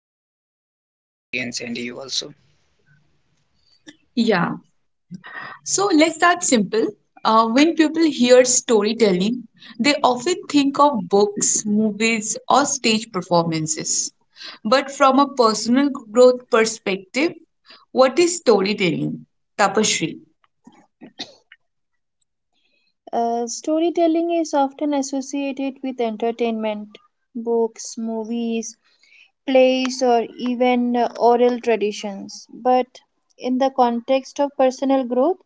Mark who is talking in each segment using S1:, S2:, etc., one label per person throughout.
S1: thoughts with your audience and you also.
S2: Yeah. So, let's start simple. When people hear storytelling, they often think of books, movies, or stage performances. But from a personal growth perspective, what is storytelling? Tapasree.
S3: Storytelling is often associated with entertainment, books, movies, plays, or even oral traditions. But in the context of personal growth,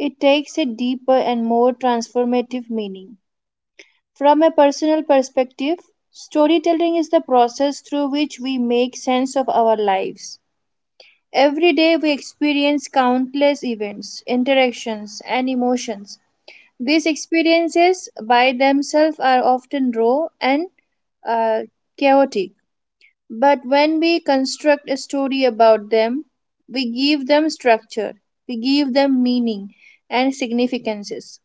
S3: it takes a deeper and more transformative meaning. From a personal perspective, storytelling is the process through which we make sense of our lives. Every day we experience countless events, interactions, and emotions. These experiences by themselves are often raw and uh, chaotic, but when we construct a story about them, we give them structure, we give them meaning and significances.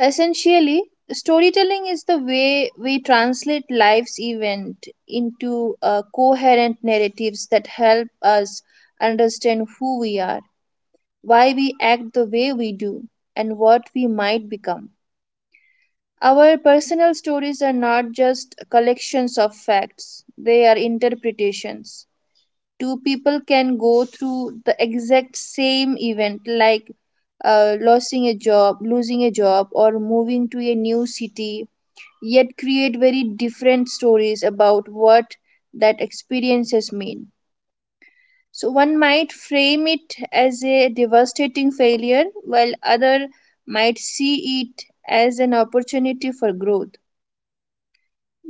S3: Essentially, storytelling is the way we translate life's event into coherent narratives that help us understand who we are, why we act the way we do, and what we might become. Our personal stories are not just collections of facts, they are interpretations. Two people can go through the exact same event, like losing a job, or moving to a new city, yet create very different stories about what that experiences mean. So one might frame it as a devastating failure, while other might see it as an opportunity for growth.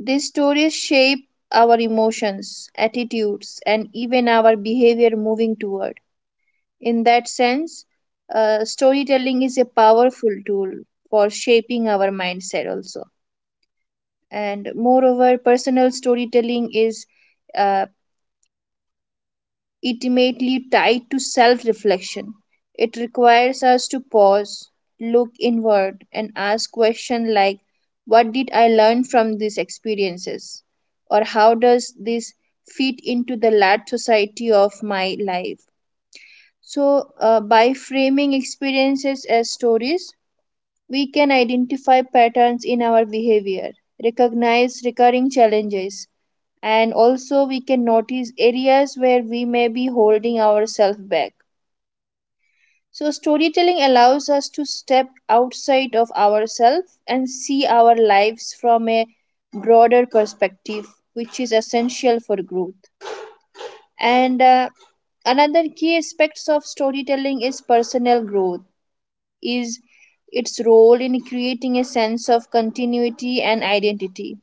S3: These stories shape our emotions, attitudes, and even our behavior moving toward. In that sense, storytelling is a powerful tool for shaping our mindset also. And moreover, personal storytelling is uh, intimately tied to self-reflection. It requires us to pause, look inward, and ask questions like, what did I learn from these experiences, or how does this fit into the large society of my life? So by framing experiences as stories, we can identify patterns in our behavior, recognize recurring challenges, and also we can notice areas where we may be holding ourselves back. So, storytelling allows us to step outside of ourselves and see our lives from a broader perspective, which is essential for growth. And another key aspects of storytelling is personal growth, is its role in creating a sense of continuity and identity.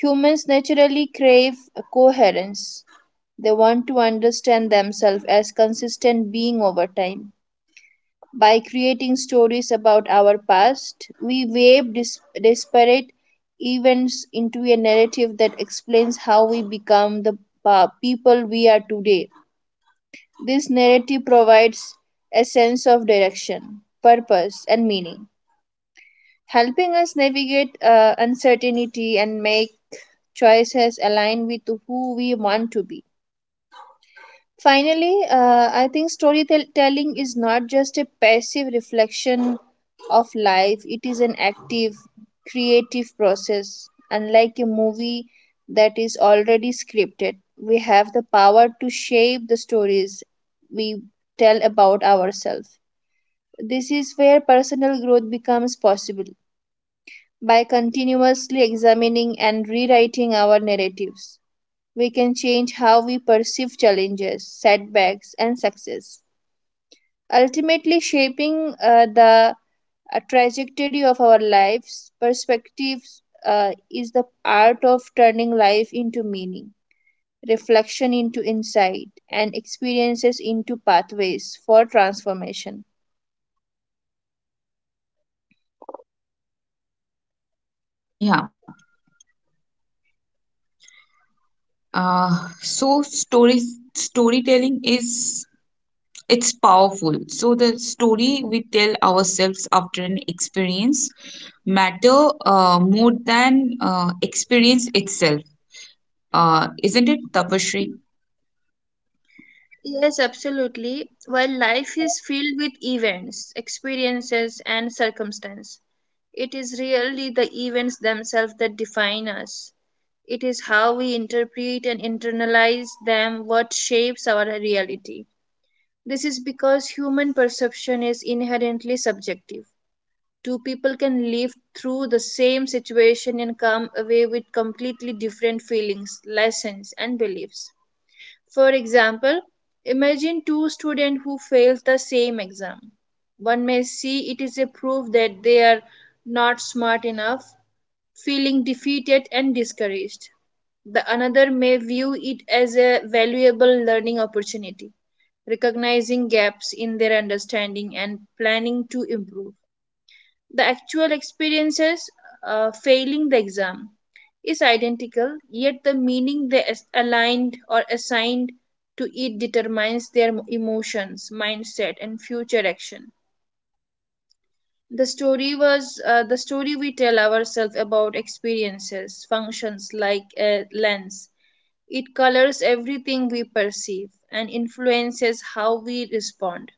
S3: Humans naturally crave coherence. They want to understand themselves as consistent being over time. By creating stories about our past, we weave disparate events into a narrative that explains how we become the people we are today. This narrative provides a sense of direction, purpose, and meaning, helping us navigate uncertainty and make choices aligned with who we want to be. Finally, I think storytelling is not just a passive reflection of life, it is an active, creative process. Unlike a movie that is already scripted, we have the power to shape the stories we tell about ourselves. This is where personal growth becomes possible. By continuously examining and rewriting our narratives, we can change how we perceive challenges, setbacks, and success, ultimately shaping the trajectory of our lives. Perspectives is the art of turning life into meaning, reflection into insight, and experiences into pathways for transformation.
S2: Yeah. Uh, so story storytelling is it's powerful. So the story we tell ourselves after an experience matter more than experience itself, isn't it, Tapashri?
S3: Yes, absolutely. While life is filled with events, experiences, and circumstance, it is really the events themselves that define us. It is how we interpret and internalize them what shapes our reality. This is because human perception is inherently subjective. Two people can live through the same situation and come away with completely different feelings, lessons, and beliefs. For example, imagine two students who failed the same exam. One may see it is a proof that they are not smart enough, feeling defeated and discouraged. The another may view it as a valuable learning opportunity, recognizing gaps in their understanding and planning to improve. The actual experiences, failing the exam, is identical, yet the meaning they aligned or assigned to it determines their emotions, mindset, and future action. The story we tell ourselves about experiences, functions like a lens. It colors everything we perceive and influences how we respond.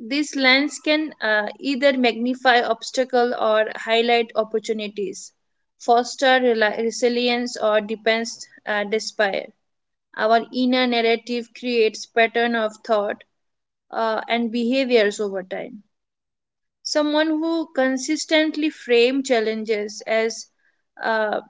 S3: These lens can either magnify obstacles or highlight opportunities, foster resilience or depends despair. Our inner narrative creates pattern of thought and behaviors over time. Someone who consistently frame challenges as uh,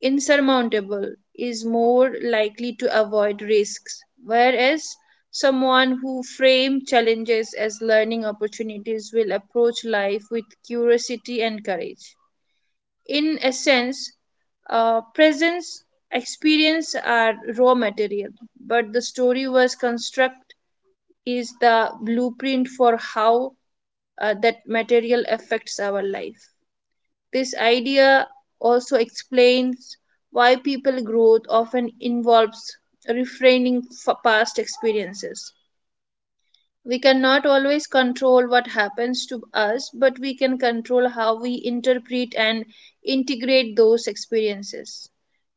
S3: insurmountable is more likely to avoid risks, whereas someone who frames challenges as learning opportunities will approach life with curiosity and courage. In essence, presence experience are raw material, but the story was construct is the blueprint for how that material affects our life. This idea also explains why people growth often involves refraining past experiences. We cannot always control what happens to us, but we can control how we interpret and integrate those experiences.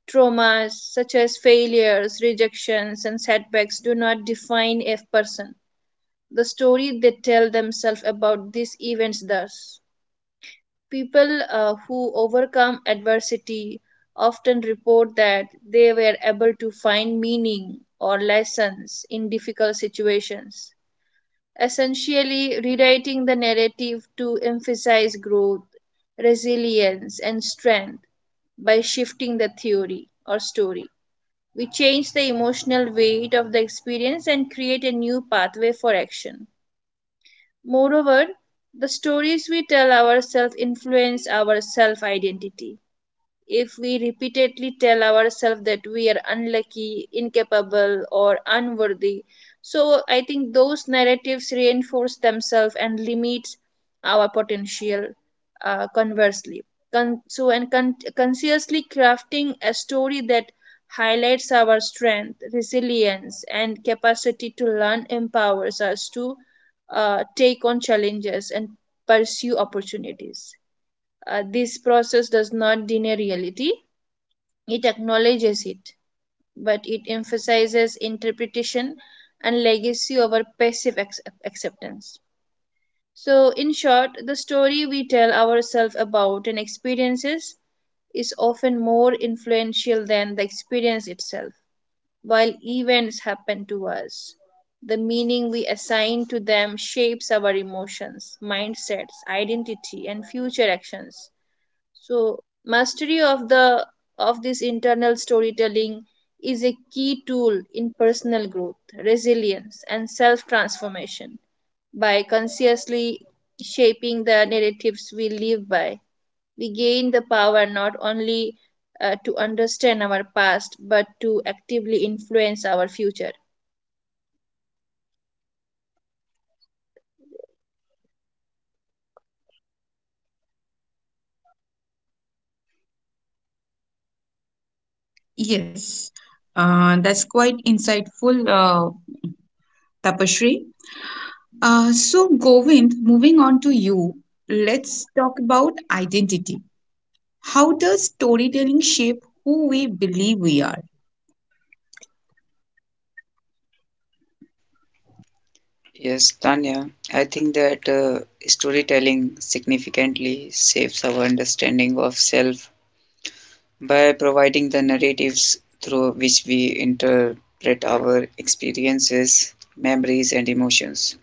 S3: Traumas such as failures, rejections, and setbacks do not define a person. The story they tell themselves about these events does. People who overcome adversity often report that they were able to find meaning or lessons in difficult situations, essentially rewriting the narrative to emphasize growth, resilience, and strength by shifting the theory or story. We change the emotional weight of the experience and create a new pathway for action. Moreover, the stories we tell ourselves influence our self identity. If we repeatedly tell ourselves that we are unlucky, incapable, or unworthy, so I think those narratives reinforce themselves and limits our potential. Conversely, consciously crafting a story that highlights our strength, resilience, and capacity to learn empowers us to take on challenges and pursue opportunities. This process does not deny reality, it acknowledges it, but it emphasizes interpretation and legacy over passive acceptance. So, in short, the story we tell ourselves about an experiences is often more influential than the experience itself. While events happen to us, the meaning we assign to them shapes our emotions, mindsets, identity, and future actions. So mastery of the of this internal storytelling is a key tool in personal growth, resilience, and self-transformation. By consciously shaping the narratives we live by, we gain the power not only to understand our past but to actively influence our future.
S2: Yes, that's quite insightful, Tapashri. So Govind, moving on to you, let's talk about identity. How does storytelling shape who we believe we are?
S1: Yes, Tanya, I think that storytelling significantly shapes our understanding of self by providing the narratives through which we interpret our experiences, memories, and emotions.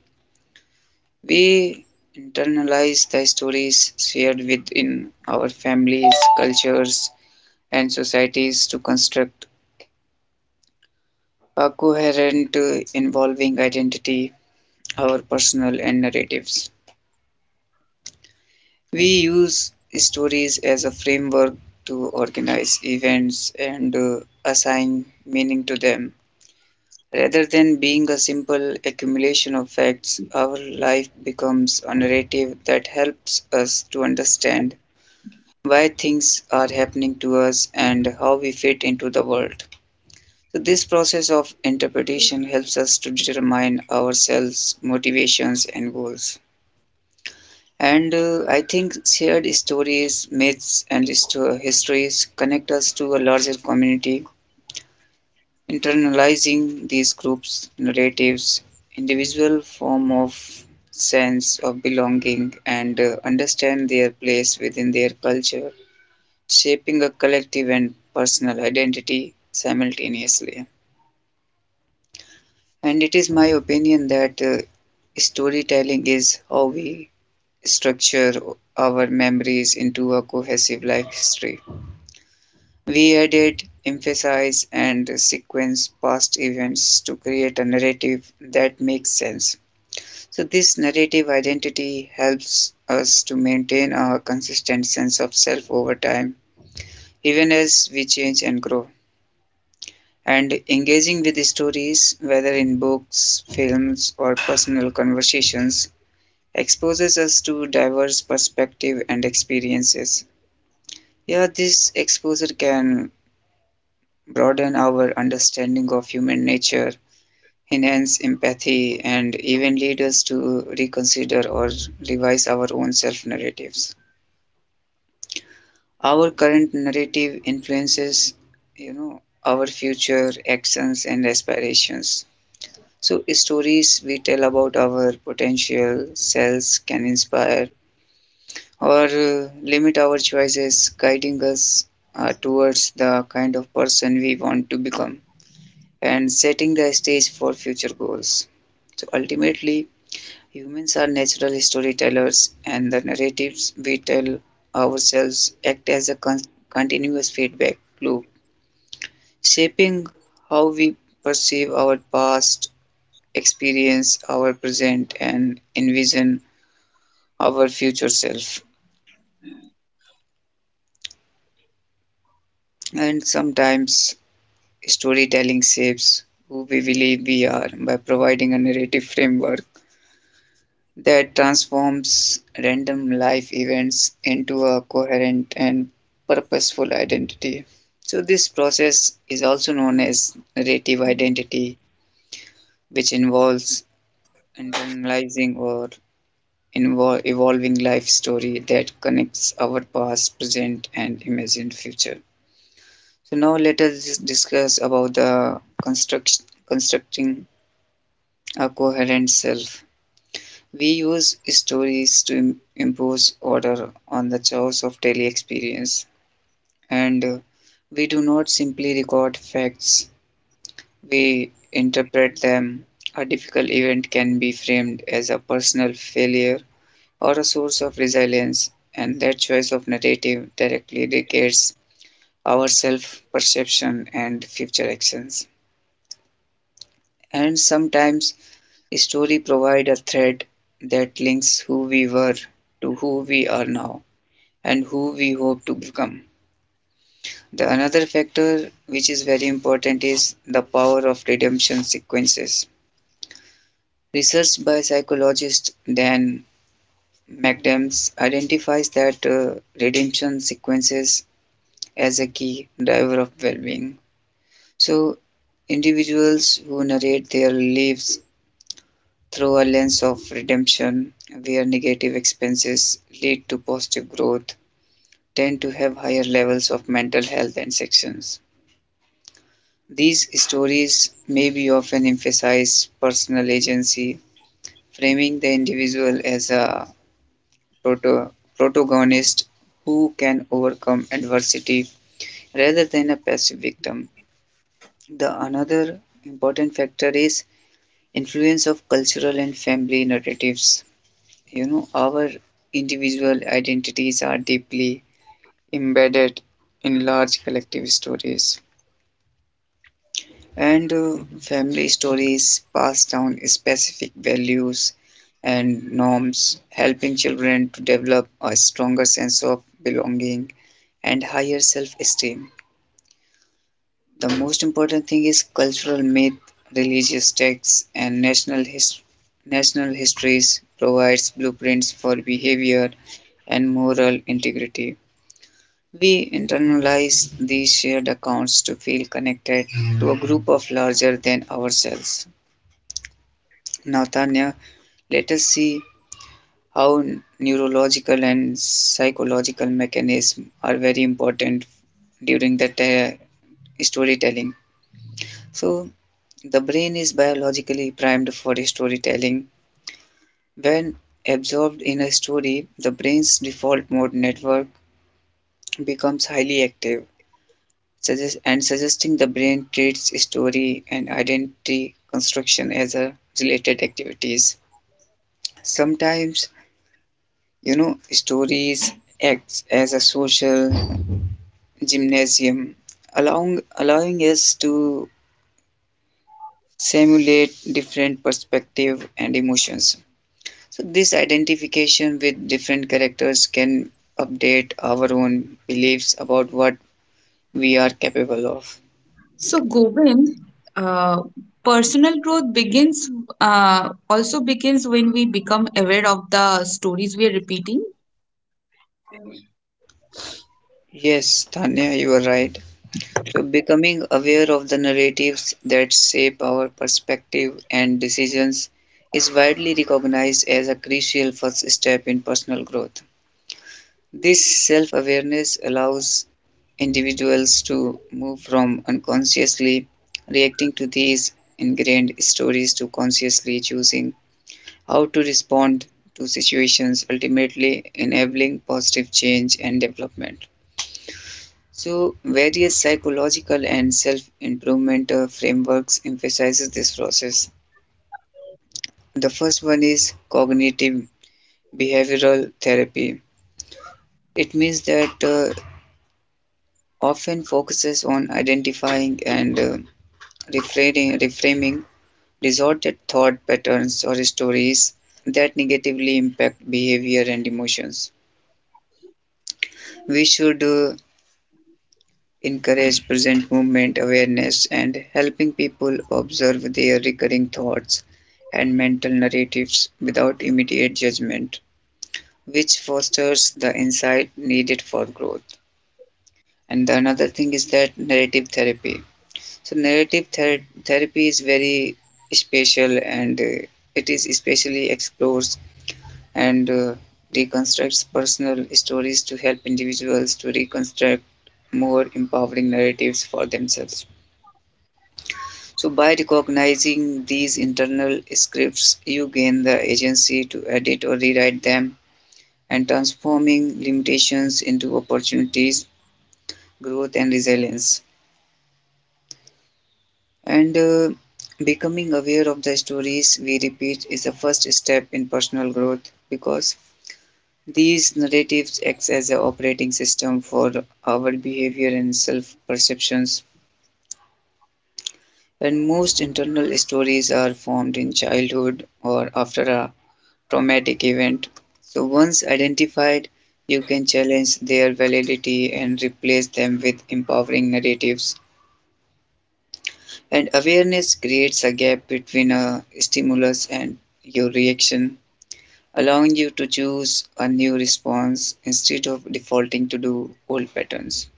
S1: We internalize the stories shared within our families, cultures, and societies to construct a coherent, involving identity, our personal and narratives. We use stories as a framework to organize events and assign meaning to them. Rather than being a simple accumulation of facts, our life becomes a narrative that helps us to understand why things are happening to us and how we fit into the world. So, this process of interpretation helps us to determine ourselves, motivations, and goals. And I think shared stories, myths, and histories connect us to a larger community. Internalizing these groups' narratives, individual form of sense of belonging and understand their place within their culture, shaping a collective and personal identity simultaneously. And it is my opinion that storytelling is how we structure our memories into a cohesive life history. We edit, emphasize, and sequence past events to create a narrative that makes sense. So, this narrative identity helps us to maintain a consistent sense of self over time, even as we change and grow. And engaging with stories, whether in books, films, or personal conversations, exposes us to diverse perspectives and experiences. Yeah, this exposure can broaden our understanding of human nature, enhance empathy, and even lead us to reconsider or revise our own self narratives. Our current narrative influences, you know, our future actions and aspirations. So, stories we tell about our potential selves can inspire or limit our choices, guiding us towards the kind of person we want to become and setting the stage for future goals. So, ultimately, humans are natural storytellers, and the narratives we tell ourselves act as a continuous feedback loop, shaping how we perceive our past, experience our present, and envision our future self. And sometimes storytelling shapes who we believe we are by providing a narrative framework that transforms random life events into a coherent and purposeful identity. So, this process is also known as narrative identity, which involves internalizing or evolving life story that connects our past, present, and imagined future. So, now let us discuss about the constructing a coherent self. We use stories to impose order on the chaos of daily experience, and we do not simply record facts, we interpret them. A difficult event can be framed as a personal failure or a source of resilience, and that choice of narrative directly dictates our self perception and future actions. And sometimes, a story provides a thread that links who we were to who we are now and who we hope to become. The another factor which is very important is the power of redemption sequences. Research by psychologist Dan McAdams identifies that redemption sequences as a key driver of well-being. So individuals who narrate their lives through a lens of redemption where negative expenses lead to positive growth tend to have higher levels of mental health and sections. These stories maybe often emphasize personal agency, framing the individual as a proto- protagonist who can overcome adversity rather than a passive victim. The another important factor is influence of cultural and family narratives. You know, our individual identities are deeply embedded in large collective stories and family stories pass down specific values and norms, helping children to develop a stronger sense of belonging and higher self esteem. The most important thing is cultural myth, religious texts, and national, national histories provides blueprints for behavior and moral integrity. We internalize these shared accounts to feel connected to a group of larger than ourselves. Nathaniel, let us see how neurological and psychological mechanisms are very important during the storytelling. So, the brain is biologically primed for storytelling. When absorbed in a story, the brain's default mode network becomes highly active, suggest- and suggesting the brain treats story and identity construction as a related activities. Sometimes, you know, stories acts as a social gymnasium, allowing us to simulate different perspective and emotions. So this identification with different characters can update our own beliefs about what we are capable of.
S2: So, Govind, uh, personal growth begins also begins when we become aware of the stories we are repeating.
S1: Yes, Tanya, you are right. So, becoming aware of the narratives that shape our perspective and decisions is widely recognized as a crucial first step in personal growth. This self awareness allows individuals to move from unconsciously reacting to these ingrained stories to consciously choosing how to respond to situations, ultimately enabling positive change and development. So various psychological and self-improvement frameworks emphasizes this process. The first one is cognitive behavioral therapy. It means that often focuses on identifying and reframing distorted thought patterns or stories that negatively impact behavior and emotions. We should encourage present moment awareness and helping people observe their recurring thoughts and mental narratives without immediate judgment, which fosters the insight needed for growth. And the another thing is that narrative therapy. So, narrative therapy is very special and it is especially explores and reconstructs personal stories to help individuals to reconstruct more empowering narratives for themselves. So by recognizing these internal scripts, you gain the agency to edit or rewrite them and transforming limitations into opportunities, growth and resilience. And becoming aware of the stories we repeat is the first step in personal growth because these narratives act as an operating system for our behavior and self perceptions. And most internal stories are formed in childhood or after a traumatic event. So once identified, you can challenge their validity and replace them with empowering narratives. And awareness creates a gap between a stimulus and your reaction, allowing you to choose a new response instead of defaulting to do old patterns.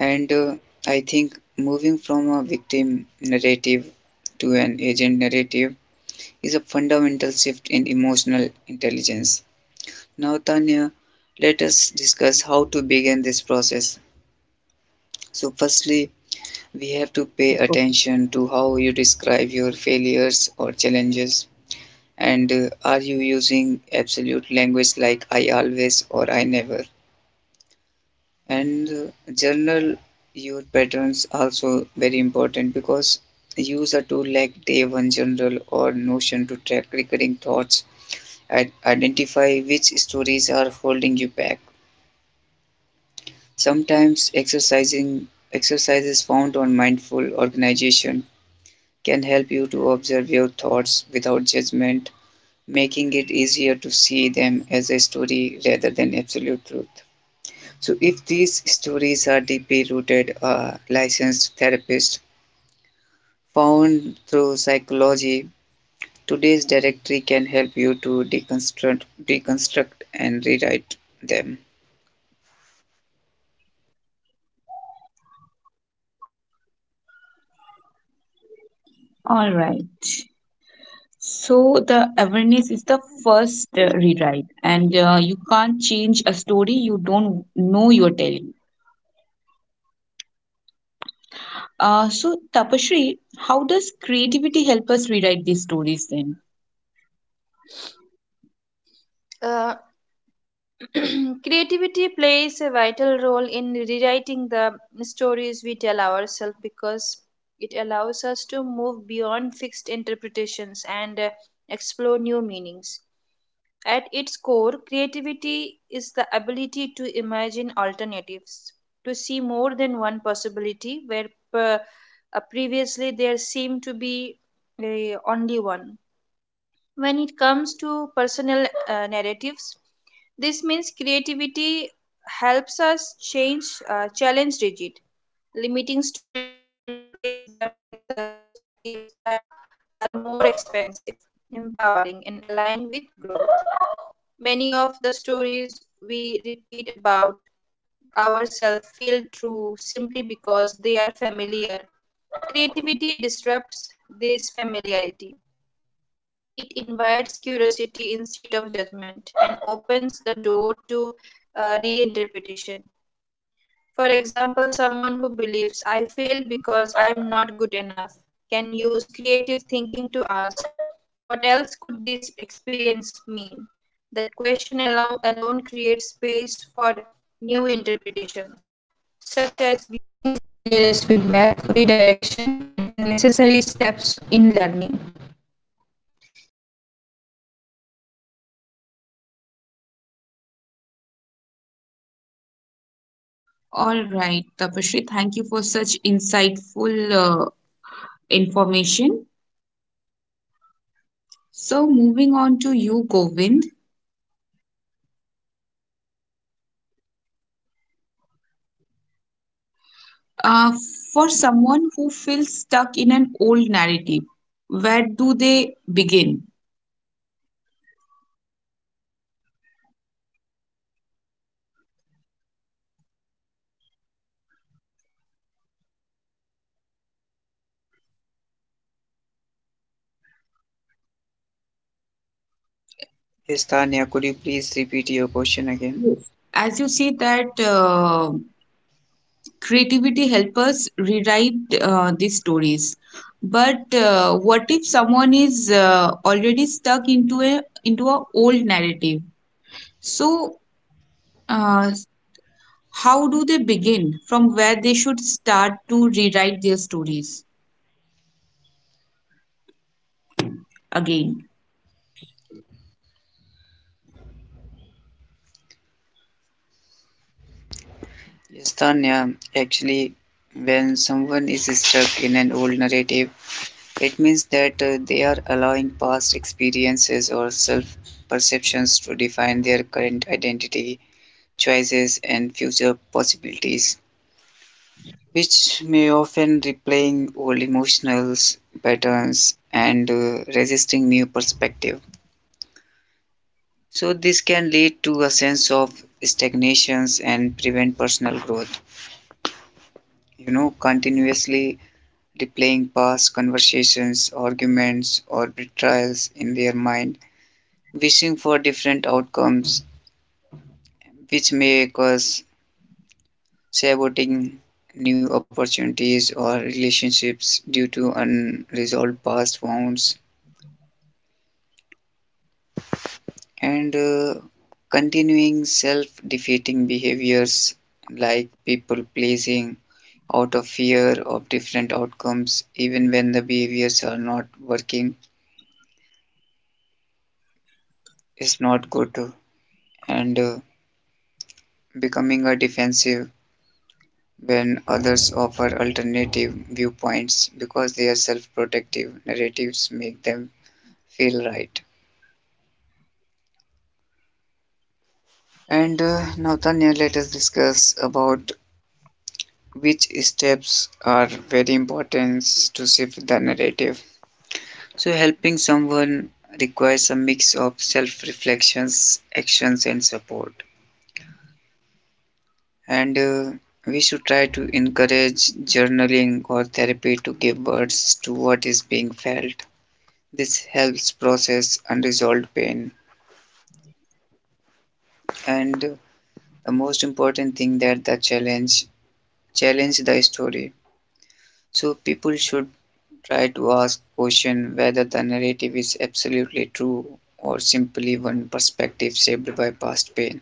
S1: And I think moving from a victim narrative to an agent narrative is a fundamental shift in emotional intelligence. Now Tanya, let us discuss how to begin this process. So firstly, we have to pay
S2: Go-
S1: attention to how you describe your failures or challenges, and are you using absolute language like I always or I never, and journal your patterns also very important because use a tool like day one journal or notion to track recurring thoughts and identify which stories are holding you back. Sometimes exercising exercises found on mindful organization can help you to observe your thoughts without judgment, making it easier to see them as a story rather than absolute truth. So, if these stories are deeply rooted, a licensed therapist found through psychology, today's directory can help you to deconstruct and rewrite them.
S2: All right. So the awareness is the first rewrite, and you can't change a story you don't know you're telling. So, Tapashri, how does creativity help us rewrite these stories then?
S3: Uh, Creativity plays a vital role in rewriting the stories we tell ourselves because it allows us to move beyond fixed interpretations and explore new meanings. At its core, creativity is the ability to imagine alternatives, to see more than one possibility where per- previously there seemed to be only one. When it comes to personal narratives, this means creativity helps us change, challenge rigid, limiting stories and replace them with perspectives that are more expansive, empowering, and aligned with growth. Many of the stories we repeat about ourselves feel true simply because they are familiar. Creativity disrupts this familiarity. It invites curiosity instead of judgment and opens the door to reinterpretation. For example, someone who believes I failed because I am not good enough can use creative thinking to ask, "What else could this experience mean?" That question alone creates space for new interpretations, such as
S2: All right, Tapashri, thank you for such insightful information. So, moving on to you, Govind. Uh, for someone who feels stuck in an old narrative, where do they begin?
S1: Yes, Tanya, could you please repeat your question again?
S2: Yes. As you see that creativity help us rewrite these stories. But what if someone is already stuck into a old narrative? So uh, how do they begin? From where they should start to rewrite their stories again?
S1: Yes, Tanya, actually, when someone is stuck in an old narrative, it means that they are allowing past experiences or self perceptions to define their current identity, choices, and future possibilities, which may often replaying old emotional patterns and resisting new perspective. So, this can lead to a sense of stagnations and prevent personal growth. You know, continuously replaying past conversations, arguments, or betrayals in their mind, wishing for different outcomes, which may cause saboting new opportunities or relationships due to unresolved past wounds, and continuing self defeating behaviors like people pleasing out of fear of different outcomes, even when the behaviors are not working, is not good. And becoming a defensive when others offer alternative viewpoints because their self-protective narratives make them feel right. And now, Tanya, let us discuss about which steps are very important to shift the narrative. So, helping someone requires a mix of self-reflections, actions, and support. And we should try to encourage journaling or therapy to give words to what is being felt. This helps process unresolved pain. And the most important thing that the challenge the story. So people should try to ask question whether the narrative is absolutely true or simply one perspective shaped by past pain.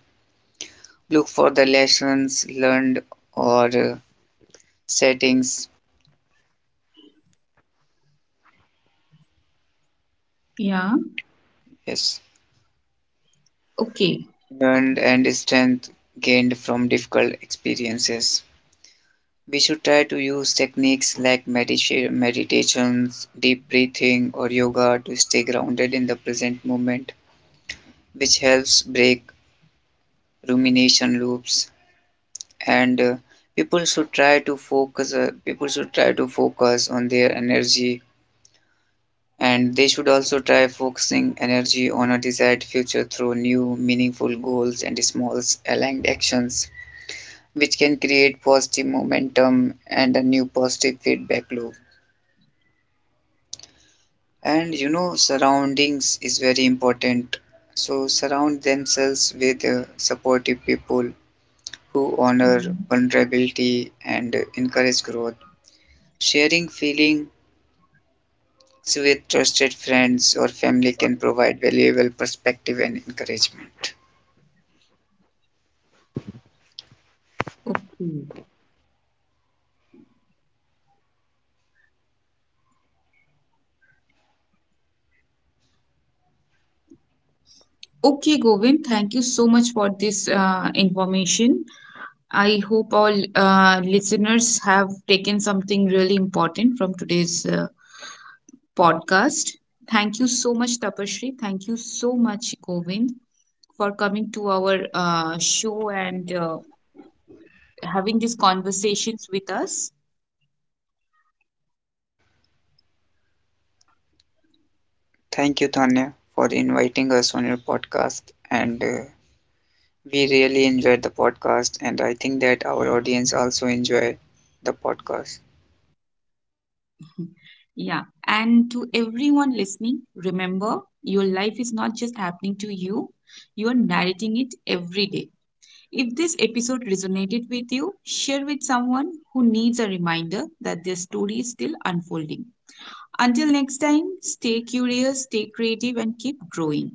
S1: Look for the lessons learned or settings,
S2: Yeah.
S1: yes,
S2: Okay.
S1: learned and strength gained from difficult experiences. We should try to use techniques like meditations, deep breathing, or yoga to stay grounded in the present moment, which helps break rumination loops. And people should try to focus on their energy, and they should also try focusing energy on a desired future through new, meaningful goals and small, aligned actions, which can create positive momentum and a new positive feedback loop. And you know surroundings is very important, so surround themselves with supportive people who honor vulnerability and encourage growth, sharing feelings with trusted friends or family can provide valuable perspective and encouragement.
S2: Okay. Okay, Govind. Thank you so much for this information. I hope all listeners have taken something really important from today's podcast. Thank you so much, Tapashri. Thank you so much, Govind, for coming to our show and having these conversations with us.
S1: Thank you Tanya for inviting us on your podcast and we really enjoyed the podcast and I think that our audience also enjoyed the podcast.
S2: Yeah. And to everyone listening, remember your life is not just happening to you, you are narrating it every day. If this episode resonated with you, share with someone who needs a reminder that their story is still unfolding. Until next time, stay curious, stay creative, and keep growing.